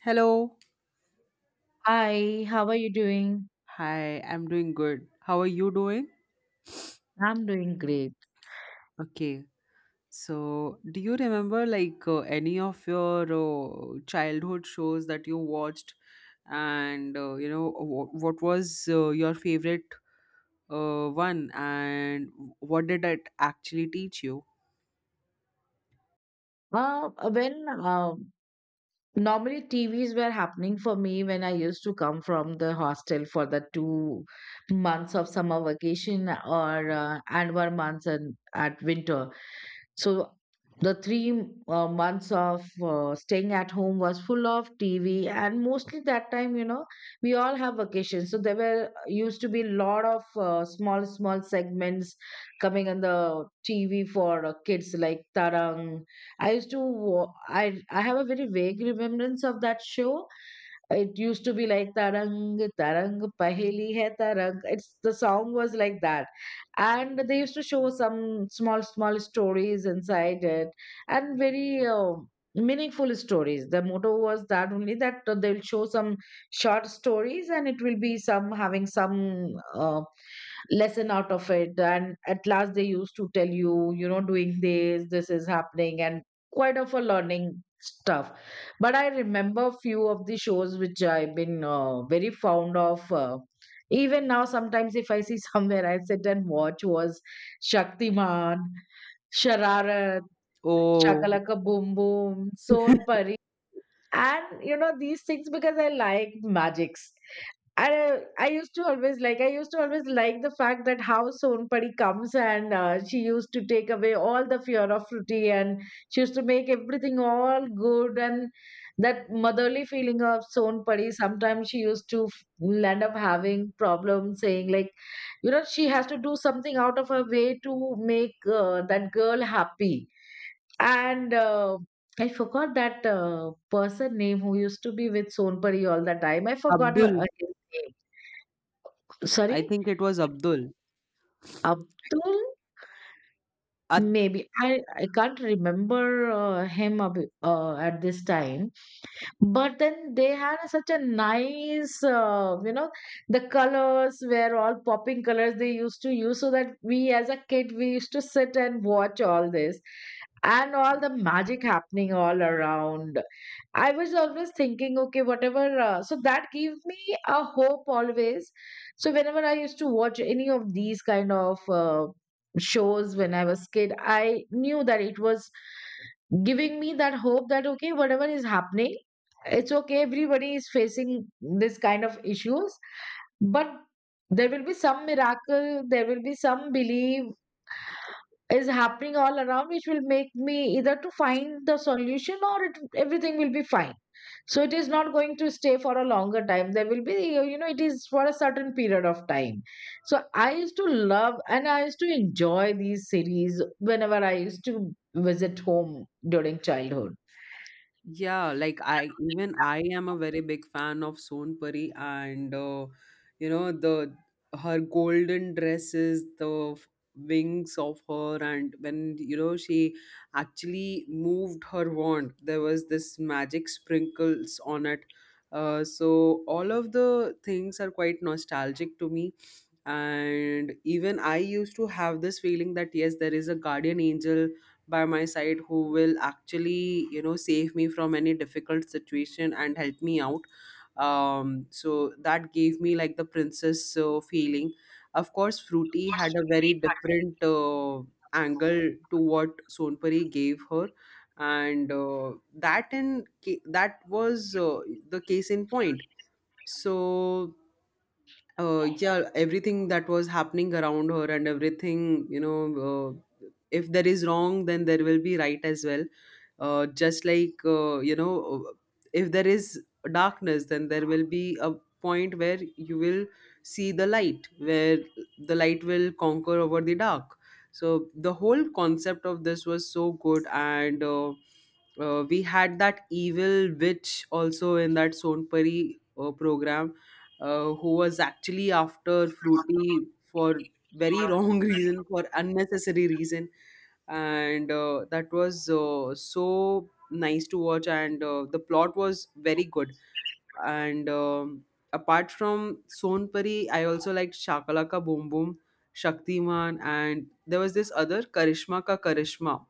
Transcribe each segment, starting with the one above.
Hello. Hi, how are you doing? Hi, I'm doing good. How are you doing? I'm doing great. Okay. So, do you remember like any of your childhood shows that you watched, and you know what was your favorite one, and what did it actually teach you? When normally TVs were happening for me when I used to come from the hostel for the 2 months of summer vacation or and 1 month and at winter. So the three months of staying at home was full of TV, and mostly that time, we all have vacations. So there were used to be a lot of small, small segments coming on the TV for kids like Tarang. I used to, wa- I have a very vague remembrance of that show. It used to be like Tarang, Tarang, Paheli Hai Tarang. It's the song was like that, and they used to show some small, small stories inside it, and very meaningful stories. The motto was that only that they will show some short stories, and it will be some having some uh, lesson out of it. And at last they used to tell you you know doing this is happening and quite of a learning stuff. But I remember few of the shows which I've been very fond of even now. Sometimes if I see somewhere I sit and watch was Shaktiman, Shararat, Oh, Shakalaka Boom Boom son. And these things because I like magics. I used to always like the fact that how Sonpadi comes, and she used to take away all the fear of Fruity, and she used to make everything all good. And that motherly feeling of Sonpadi, sometimes she used to end up having problems, saying like she has to do something out of her way to make that girl happy. And I forgot that person name who used to be with Sonpuri all the time. I forgot Abdul. His name. Sorry, I think it was Abdul. Abdul. Maybe I can't remember him at this time. But then they had a such a nice, the colors were all popping colors they used to use, so that we as a kid we used to sit and watch all this, and all the magic happening all around. I was always thinking, okay, whatever. So that gave me a hope always. So whenever I used to watch any of these kind of shows when I was kid, I knew that it was giving me that hope that okay, whatever is happening, it's okay, everybody is facing this kind of issues. But there will be some miracle, there will be some belief is happening all around, which will make me either to find the solution or everything will be fine. So it is not going to stay for a longer time, there will be it is for a certain period of time. So I used to love and I used to enjoy these series whenever I used to visit home during childhood. Yeah, like I am a very big fan of Sonpuri, and you know the her golden dresses, the wings of her, and when she actually moved her wand, there was this magic sprinkles on it. So all of the things are quite nostalgic to me, and even I used to have this feeling that yes, there is a guardian angel by my side who will actually save me from any difficult situation and help me out. So that gave me like the princess feeling. Of course Fruity had a very different angle to what Sonpuri gave her, and that was the case in point. So yeah, everything that was happening around her, and everything, if there is wrong, then there will be right as well. Just like, if there is darkness, then there will be a point where you will see the light, where the light will conquer over the dark. So the whole concept of this was so good, and we had that evil witch also in that Sonpari program, who was actually after Fruity for very wrong reason, for unnecessary reason, and that was so nice to watch. And the plot was very good, and apart from Sonpari, I also liked Shakalaka Boom Boom, Shaktiman, and there was this other Karishma Ka Karishma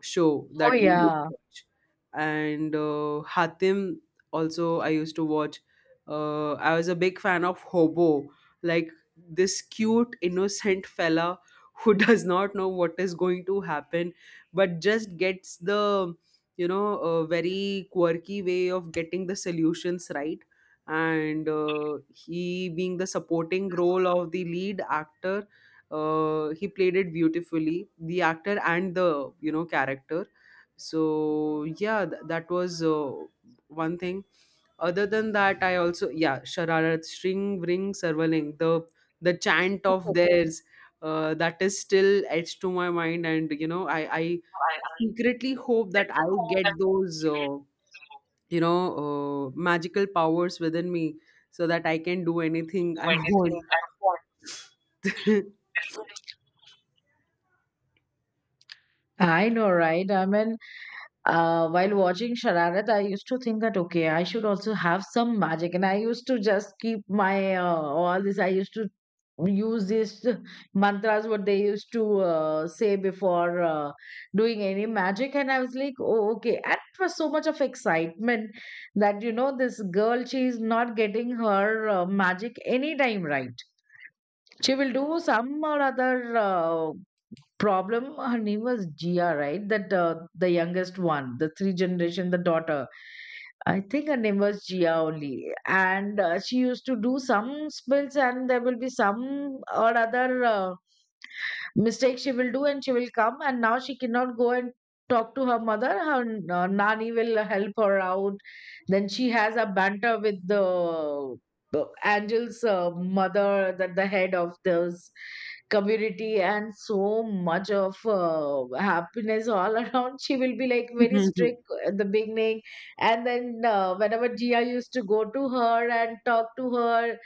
show Oh, that we used yeah. to watch. And Hatim also I used to watch. I was a big fan of Hobo, like this cute, innocent fella who does not know what is going to happen, but just gets the you know a very quirky way of getting the solutions right, and he being the supporting role of the lead actor, he played it beautifully, the actor and the character. So yeah, that was one thing. Other than that, I also, yeah, Shararat, string, ring, servaling, the chant of theirs, that is still etched to my mind, and, I secretly hope that I get Do those magical powers within me, so that I can do anything I anything want. I want. I know, right? I mean, while watching Shararat, I used to think that okay, I should also have some magic. And I used to just keep my all this. I used to use these mantras what they used to say before doing any magic. And I was like, oh, okay. And it was so much of excitement that this girl, she is not getting her magic anytime right. She will do some or other. Problem, her name was Gia, right? That the youngest one, the three generation, the daughter. I think her name was Gia only, and she used to do some spells, and there will be some or other mistake she will do, and she will come and now she cannot go and talk to her mother. Her nani will help her out. Then she has a banter with the angel's mother, that the head of this community, and so much of happiness all around. She will be like very strict at the beginning, and then whenever Gia used to go to her and talk to her,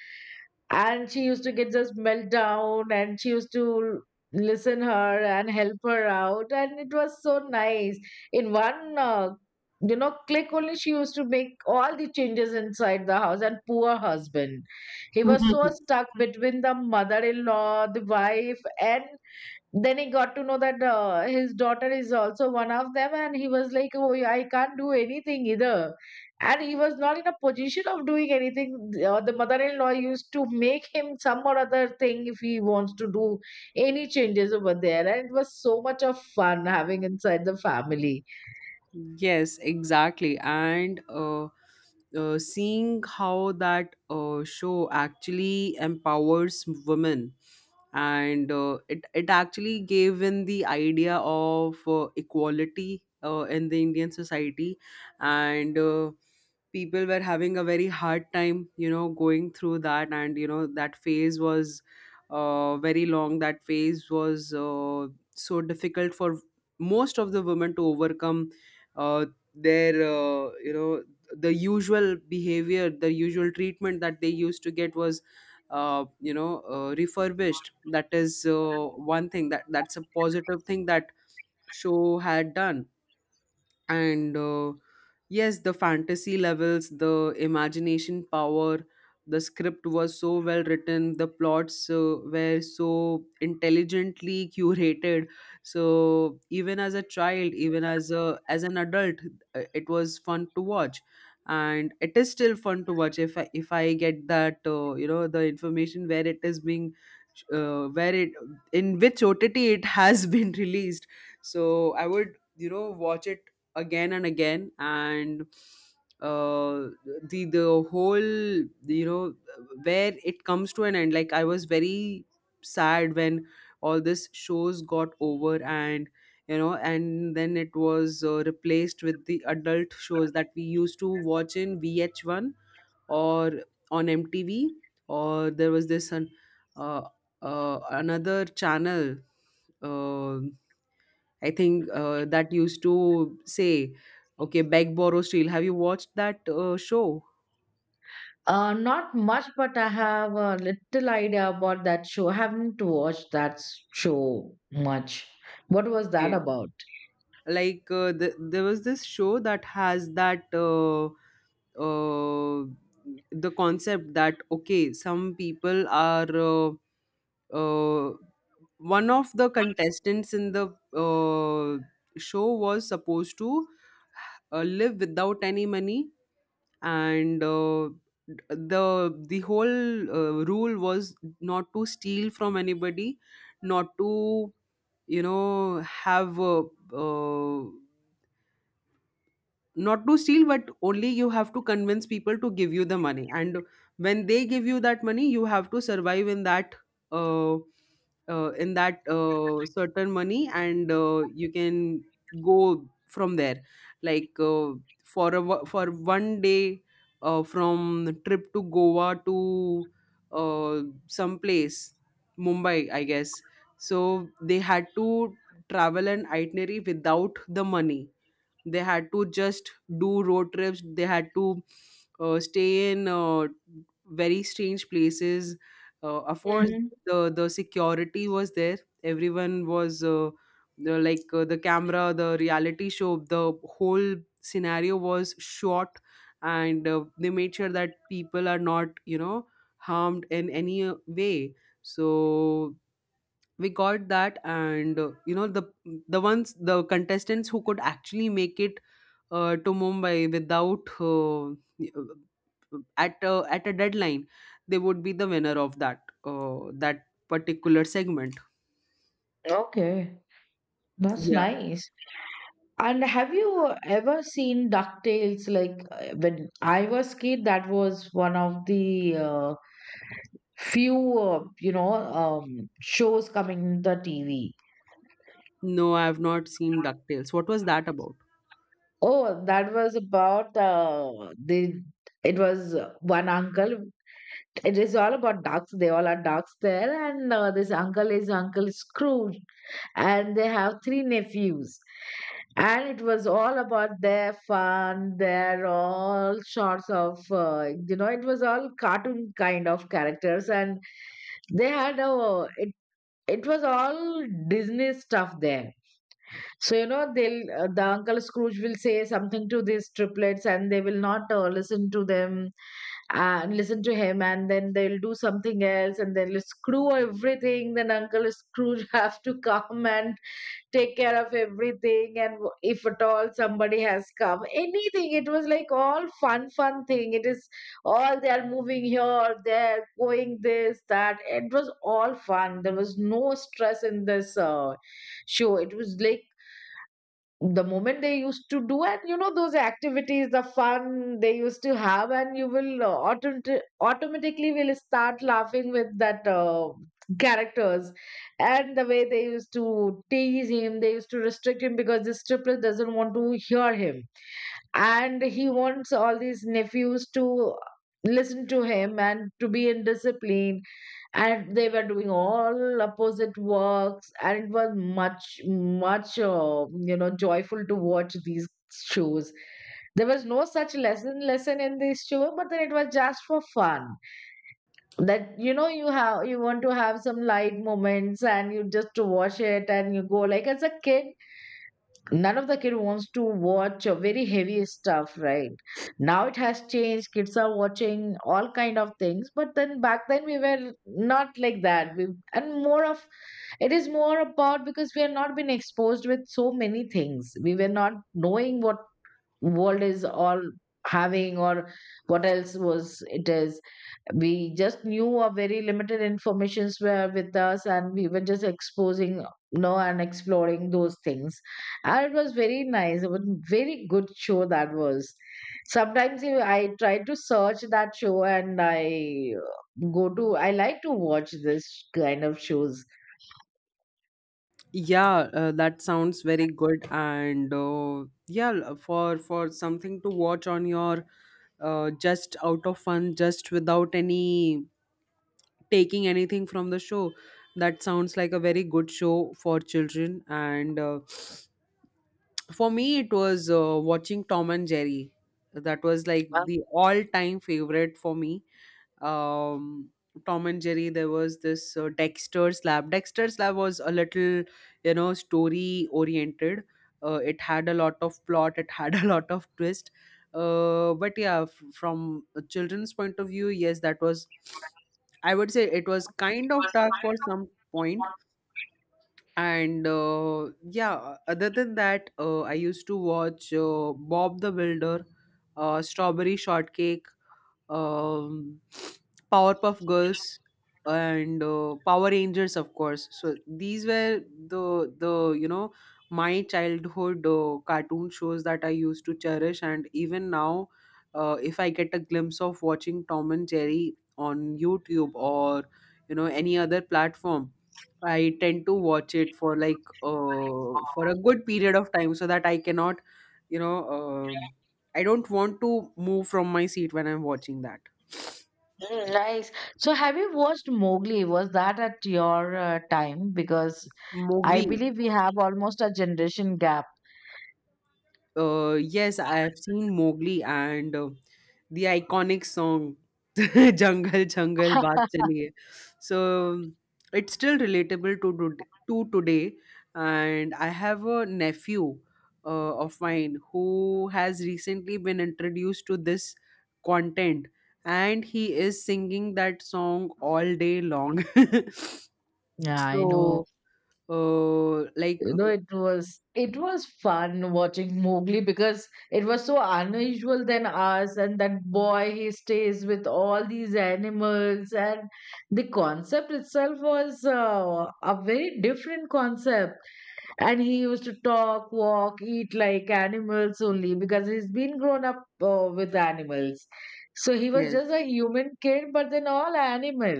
and she used to get this meltdown, and she used to listen her and help her out, and it was so nice. In one click only, she used to make all the changes inside the house. And poor husband, he was so stuck between the mother-in-law, the wife, and then he got to know that his daughter is also one of them, and he was like, oh yeah, I can't do anything either. And he was not in a position of doing anything. The mother-in-law used to make him some or other thing if he wants to do any changes over there, and it was so much of fun having inside the family. Yes, exactly. And seeing how that show actually empowers women, and it actually gave in the idea of equality in the Indian society, and people were having a very hard time, going through that, and that phase was very long. That phase was so difficult for most of the women to overcome uh, their, the usual behavior, the usual treatment that they used to get was refurbished. That is one thing, that's a positive thing that show had done. And yes, the fantasy levels, the imagination power, the script was so well written, the plots were so intelligently curated, so even as a child, even as an adult, it was fun to watch, and it is still fun to watch if I get that the information where it is being, where it in which OTT it has been released. So I would watch it again and again. And uh the whole, you know where it comes to an end, like I was very sad when all this shows got over, and then it was replaced with the adult shows that we used to watch in VH1, or on MTV, or there was this uh, another channel, uh, I think, that used to say, okay, beg, borrow, steal. Have you watched that show? Not much, but I have a little idea about that show. I haven't watched that show much. What was that Okay. about? Like there was this show that has that, uh, the concept that okay, some people are, uh, one of the contestants in the uh, show was supposed to live without any money, and the whole rule was not to steal from anybody, not to have, uh, not to steal, but only you have to convince people to give you the money, and when they give you that money, you have to survive in that uh, certain money, and you can go from there, like for one day, from trip to Goa to some place, Mumbai, I guess. So they had to travel an itinerary without the money. They had to just do road trips. They had to stay in very strange places, of course. Hmm. The security was there, everyone was, like, the camera, the reality show, the whole scenario was shot, and they made sure that people are not harmed in any way. So we got that, and the ones, the contestants who could actually make it to Mumbai without, at a deadline, they would be the winner of that particular segment. Okay. That's Yeah, nice. And have you ever seen DuckTales? Like when I was kid, that was one of the few, shows coming in the TV. no, I have not seen DuckTales. What was that about? Oh, that was about the. It was one uncle. It is all about ducks. They all are ducks there, and this uncle is Uncle Scrooge. And they have three nephews, and it was all about their fun, their all sorts of it was all cartoon kind of characters. And they had a it, it was all Disney stuff there. So the Uncle Scrooge will say something to these triplets, and they will not listen to him. And then they'll do something else and they'll screw everything. Then Uncle Scrooge have to come and take care of everything. And if at all somebody has come anything, it was like all fun fun thing. It is all they are moving here there, going this that, it was all fun. There was no stress in this show. It was like the moment they used to do and those activities, the fun they used to have. And you will automatically will start laughing with that characters. And the way they used to tease him, they used to restrict him, because this triplet doesn't want to hear him, and he wants all these nephews to listen to him and to be in discipline. And they were doing all opposite works, and it was much much joyful to watch these shows. There was no such lesson lesson in this show, but then it was just for fun. That you want to have some light moments and you just to watch it. And you go like as a kid, none of the kid wants to watch very heavy stuff, right? Now it has changed, kids are watching all kind of things. But then back then we were not like that, we, and more of, it is more about, because we have not been exposed with so many things, we were not knowing what world is all having, or what else was it is. We just knew a very limited informations were with us, and we were just exposing and exploring those things. And it was very nice, it was very good show that was. Sometimes I try to search that show, and I go to, I like to watch this kind of shows. Yeah, that sounds very good, and yeah, for something to watch on your, just out of fun, just without any taking anything from the show. That sounds like a very good show for children. And for me, it was watching Tom and Jerry. That was like Uh, the all time favorite for me. um Tom and Jerry, there was this Dexter's Lab. Dexter's Lab was a little, story oriented. It had a lot of plot, it had a lot of twist. But yeah, from a children's point of view, yes, that was, I would say it was kind of dark for some point. And yeah, other than that, I used to watch Bob the Builder, Strawberry Shortcake, um, Powerpuff Girls, and Power Rangers, of course. So these were the you know my childhood cartoon shows that I used to cherish, and even now, if I get a glimpse of watching Tom and Jerry on YouTube or any other platform. I tend to watch it for, like for a good period of time, so that I cannot, you know, Uh, I don't want to move from my seat when I'm watching that. mm, nice. So have you watched Mowgli? Was that at your time? Because I Mowgli. believe we have almost a generation gap. Yes, I have seen Mowgli, and the iconic song "Jungle Jungle Baat Chaliye." So it's still relatable to today. And I have a nephew of mine, who has recently been introduced to this content, and he is singing that song all day long. Yeah, I know. So like, It was fun watching Mowgli, because it was so unusual than us, and that boy he stays with all these animals. And the concept itself was a very different concept. And he used to talk walk eat like animals only because he's been grown up with animals. So he was yes, just a human kid, but then all animal.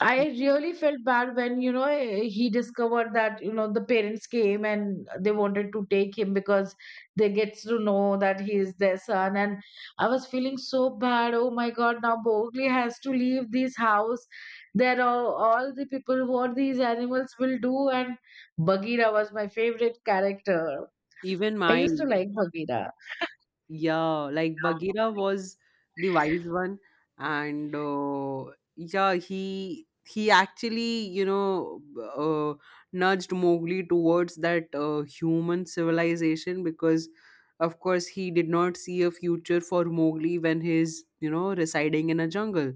I really felt bad when he discovered that the parents came and they wanted to take him because they get to know that he is their son. And I was feeling so bad. Oh my God, now Mowgli has to leave this house. There are all the people what these animals will do. And Bagheera was my favorite character. even I used to mine. like Bagheera. Yeah, like Bagheera was the wise one, and yeah, he actually uh, nudged Mowgli towards that human civilization, because of course, he did not see a future for Mowgli when he's residing in a jungle.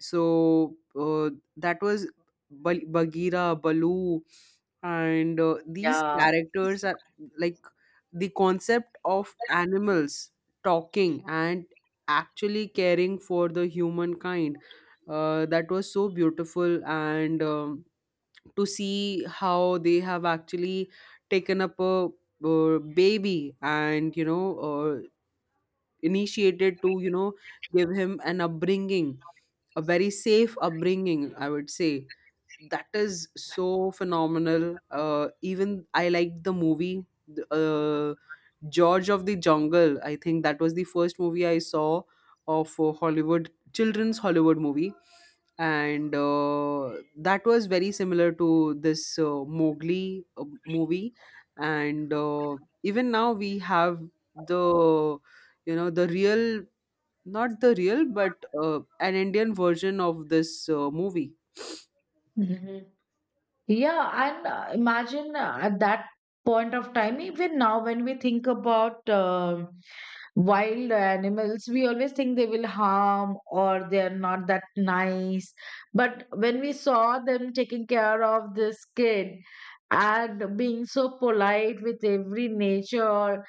So that was, Bagheera, Baloo, and these Yeah. characters are like the concept of animals talking and actually caring for the humankind. That was so beautiful, and to see how they have actually taken up a baby, and initiated to give him an upbringing, a very safe upbringing, I would say, that is so phenomenal. Even I liked the movie, th- uh, George of the Jungle. I think that was the first movie I saw of a Hollywood children's Hollywood movie, and that was very similar to this Mowgli movie. And even now we have the you know the real, not the real, but an Indian version of this movie. Mhm. Yeah, and imagine at that point of time, even now when we think about wild animals, we always think they will harm or they are not that nice. But when we saw them taking care of this kid and being so polite with every nature,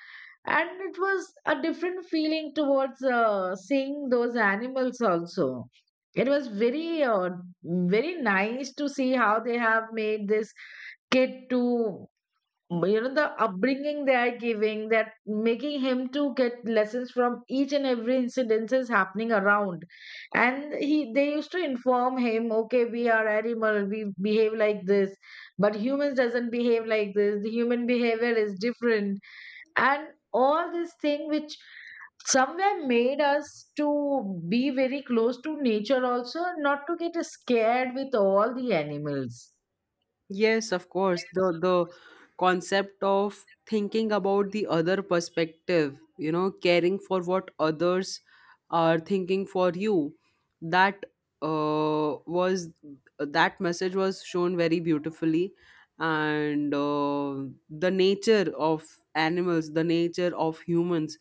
and it was a different feeling towards seeing those animals also. It was very nice to see how they have made this kid to the upbringing they are giving, that making him to get lessons from each and every incidences happening around. And he they used to inform him, okay, we are animal, we behave like this, but humans doesn't behave like this, the human behavior is different. And all this thing which somewhere made us to be very close to nature also, not to get scared with all the animals. Yes, of course. The concept of thinking about the other perspective, caring for what others are thinking for you, that, was that message was shown very beautifully, and the nature of animals, the nature of humans,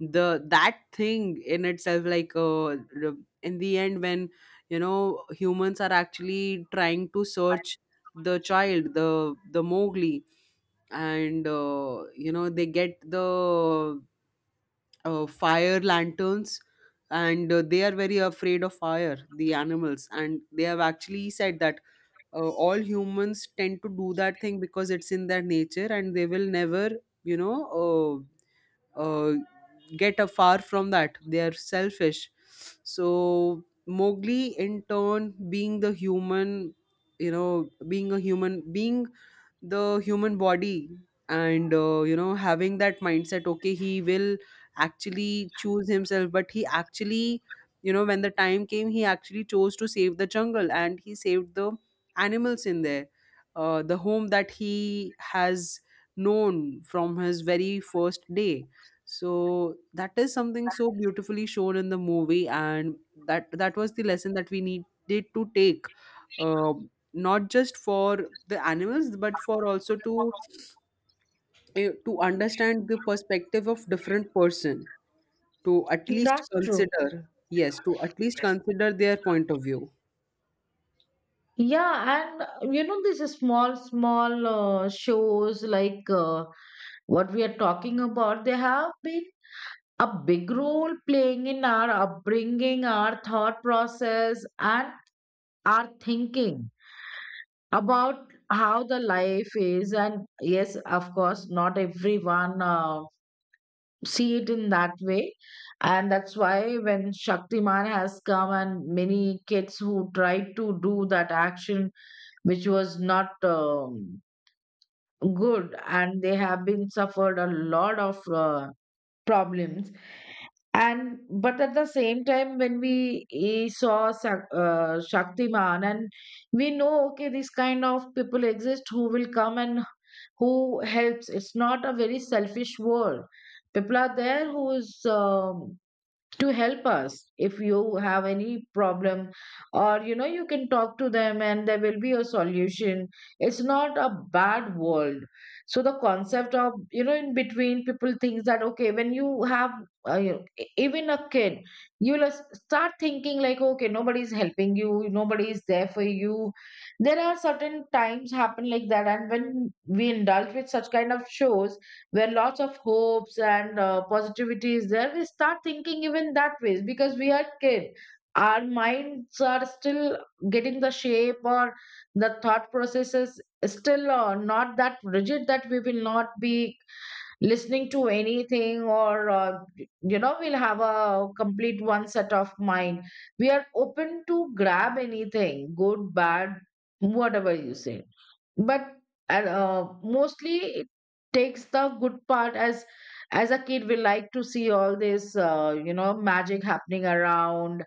the that thing in itself, like, in the end, when humans are actually trying to search the child, the Mowgli, and they get the fire lanterns, and they are very afraid of fire, the animals, and they have actually said that all humans tend to do that thing because it's in their nature, and they will never, you know, uh, uh, get a far from that. They are selfish. So Mowgli, in turn, being the human, being a human, being the human body, and having that mindset. Okay, he will actually choose himself, but he actually, when the time came, he actually chose to save the jungle, and he saved the animals in there. The home that he has known from his very first day, so that is something so beautifully shown in the movie, and that was the lesson that we needed to take, not just for the animals, but for also to understand the perspective of different person, to at Yes, least that's true. consider, yes, to at least consider their point of view. Yeah, and these small small shows like, what we are talking about, they have been a big role playing in our upbringing, our thought process, and our thinking about how the life is. And yes, of course, not everyone see it in that way, and that's why when Shaktiman has come, and many kids who tried to do that action which was not good, and they have been suffered a lot of uh, problems. And but at the same time, when we saw Shaktiman, and we know, okay, this kind of people exist who will come and who helps, it's not a very selfish world. People are there who is um, to help us if you have any problem, or you can talk to them and there will be a solution. It's not a bad world. So the concept of, in between people thinks that, okay, when you have even a kid, you'll start thinking like, okay, nobody's helping you, nobody is there for you. There are certain times happen like that, and when we indulge with such kind of shows where lots of hopes and positivity is there, we start thinking even that ways, because we are kid, our minds are still getting the shape, or the thought processes still not that rigid that we will not be listening to anything, or we'll have a complete one set of mind. We are open to grab anything, good, bad, whatever you say. But mostly it takes the good part, as a kid, we like to see all this, magic happening around,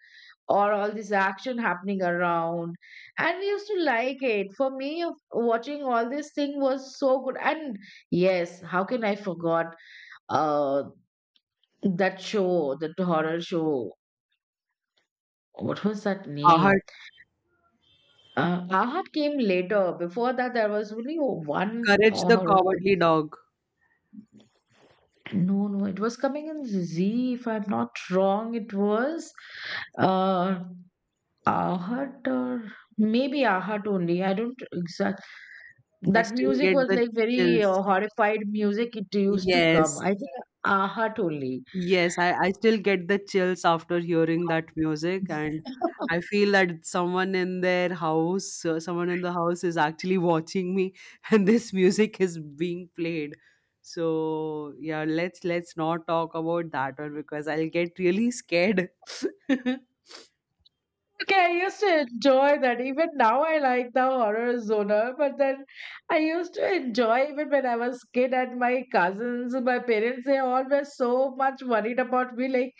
or all this action happening around. And we used to like it. For me, watching all this thing was so good. And yes, how can I forgot uh that show, that horror show? What was that name? Ahad, Ahad came later. Before that, there was only one courage the horror show. cowardly dog. No, no, it was coming in Z. If I'm not wrong, it was uh, Ahad, or maybe Ahad only. I don't exactly. I That still music get was the like very chills. uh, horrified music. It used to come. Yes. I think Ahat only. Yes, I still get the chills after hearing that music, and I feel that someone in their house, someone in the house is actually watching me, and this music is being played. So yeah, let's not talk about that one because I'll get really scared. Okay, I used to enjoy that. Even now, I like the horror genre, but then I used to enjoy even when I was kid, and my cousins, my parents, they all were so much worried about me. Like,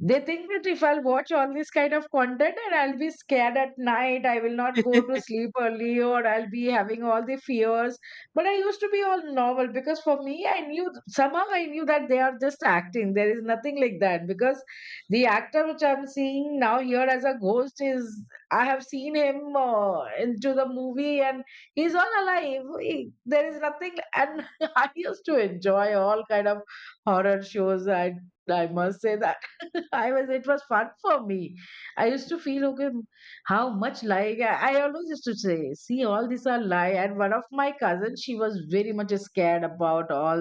they think that if I'll watch all this kind of content and I'll be scared at night, I will not go to sleep early, or I'll be having all the fears. But I used to be all normal, because for me, I knew somehow I knew that they are just acting. There is nothing like that, because the actor which I'm seeing now here as a ghost is I have seen him into the movie, and he's all alive. There is nothing. And I used to enjoy all kind of horror shows. I must say that I was, it was fun for me. I used to feel, okay, how much lying. I always used to say, see, all these are lie. And one of my cousins, she was very much scared about all,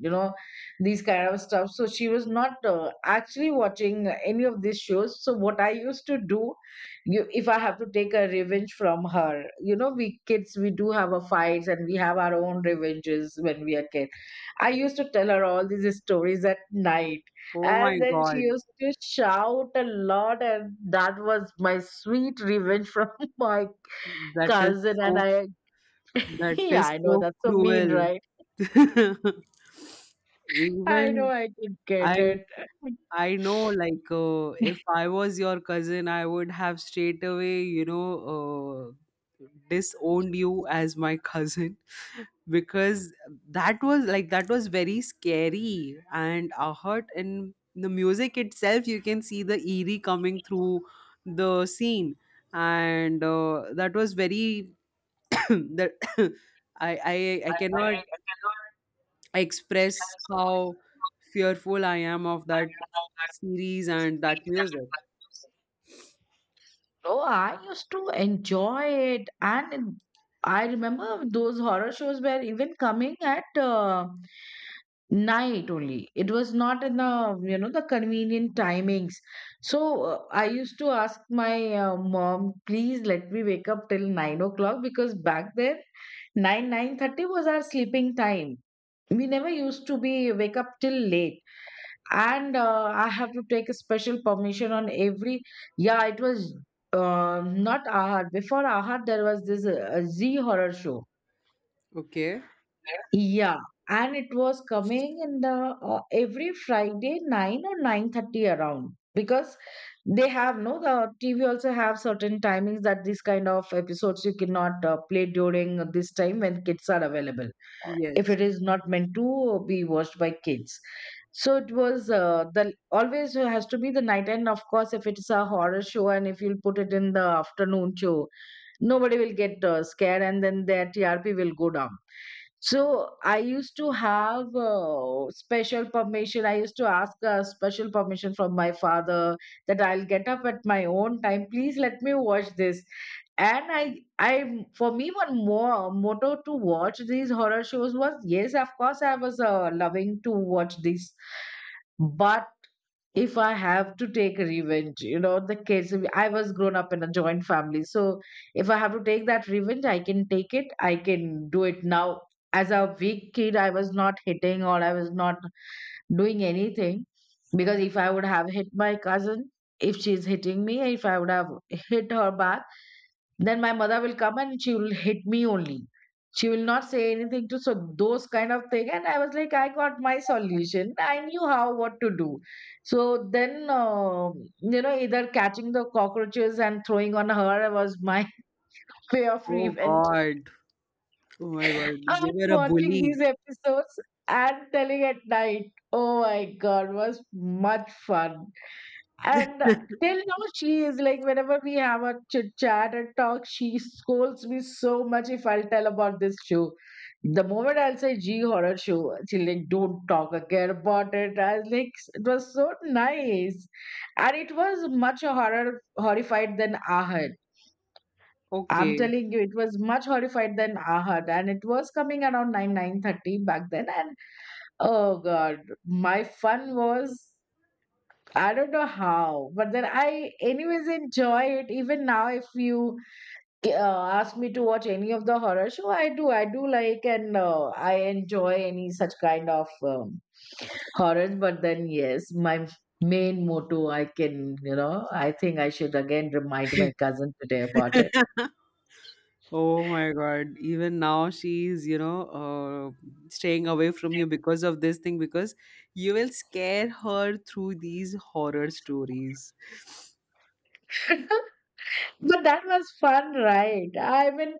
you know, these kind of stuff. So she was not actually watching any of these shows. So what I used to do, you, if I have to take a revenge from her, you know, we kids, we do have a fights, and we have our own revenges when we are kids. I used to tell her all these stories at night, Oh my and then she God, used to shout a lot, and that was my sweet revenge from my that is cousin. And so I, that yeah, is I know so that's so mean, cruel. right? I know Even I could get I it. I know, like if I was your cousin, I would have straight away, disowned you as my cousin, because that was like, that was very scary, and a hurt in the music itself. You can see the eerie coming through the scene, and that was very that I cannot express how fearful I am of that series and that music. Oh, I used to enjoy it, I remember those horror shows were even coming at night only. It was not in the the convenient timings. So I used to ask my mom, please let me wake up till 9 o'clock, because back then nine nine thirty was our sleeping time. We never used to be wake up till late. And I have to take a special permission on every, yeah, it was not Ahad. Before Ahad, there was this Z horror show. Okay. Yeah, and it was coming in the every Friday 9 or 9:30 around, because they have no, the TV also have certain timings that these kind of episodes you cannot play during this time when kids are available, if Yes. it is not meant to be watched by kids. So it was the always has to be the night, and of course, if it's a horror show, and if you'll put it in the afternoon show, nobody will get scared, and then their TRP will go down. So I used to have special permission, I used to ask special permission from my father that I'll get up at my own time, please let me watch this. And I for me, one more motto to watch these horror shows was yes, of course, I was loving to watch this. But if I have to take revenge, you know, the kids, I was grown up in a joint family. So if I have to take that revenge, I can take it. I can do it now. As a weak kid, I was not hitting, or I was not doing anything, because if I would have hit my cousin, if she's hitting me, if I would have hit her back, then my mother will come and she will hit me only. She will not say anything to, so those kind of thing. And I was like, I got my solution. I knew how what to do. So then, you know, either catching the cockroaches and throwing on her was my way of Oh revenge. God. Oh my God. I'm You were a watching bully. these episodes and telling at night. Oh my God, was much fun. And till now, she is like, whenever we have a chit chat and talk, she scolds me so much if I'll tell about this show. The moment I'll say G horror show, she she's like, don't talk again about it. I was like, it was so nice. And it was much horror horrified than Ahad. I'm Okay. telling you, it was much horrified than Ahad, and it was coming around nine nine thirty back then. And oh god, my fun was I don't know how, but then I, anyways, enjoy it. Even now, if you ask me to watch any of the horror show, I do. I do like, and I enjoy any such kind of horrors. But then, yes, my main motto, I can, you know, I think I should again remind my cousin today about it. Oh my God. Even now she's, staying away from you because of this thing, because you will scare her through these horror stories. But that was fun, right? I mean,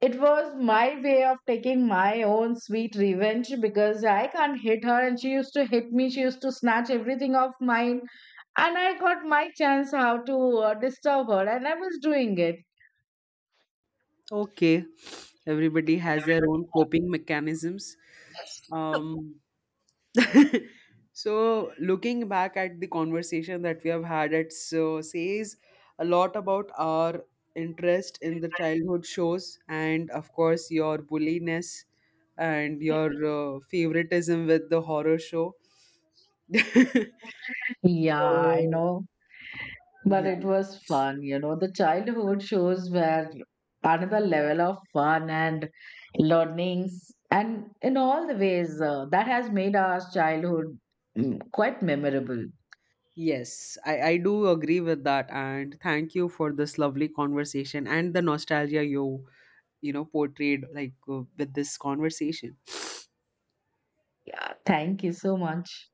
it was my way of taking my own sweet revenge, because I can't hit her, and she used to hit me. She used to snatch everything off mine. And I got my chance how to disturb her, and I was doing it. Okay. Everybody has their own coping mechanisms. Um, So, looking back at the conversation that we have had, it so says a lot about our interest in the childhood shows, and of course, your bulliness and your favoritism with the horror show. Yeah, I So know. But yeah, it was fun, you know. The childhood shows were another level of fun and learnings, and in all the ways that has made our childhood, mm, quite memorable. yes, I do agree with that, and thank you for this lovely conversation and the nostalgia you you know portrayed, like with this conversation. Yeah, thank you so much.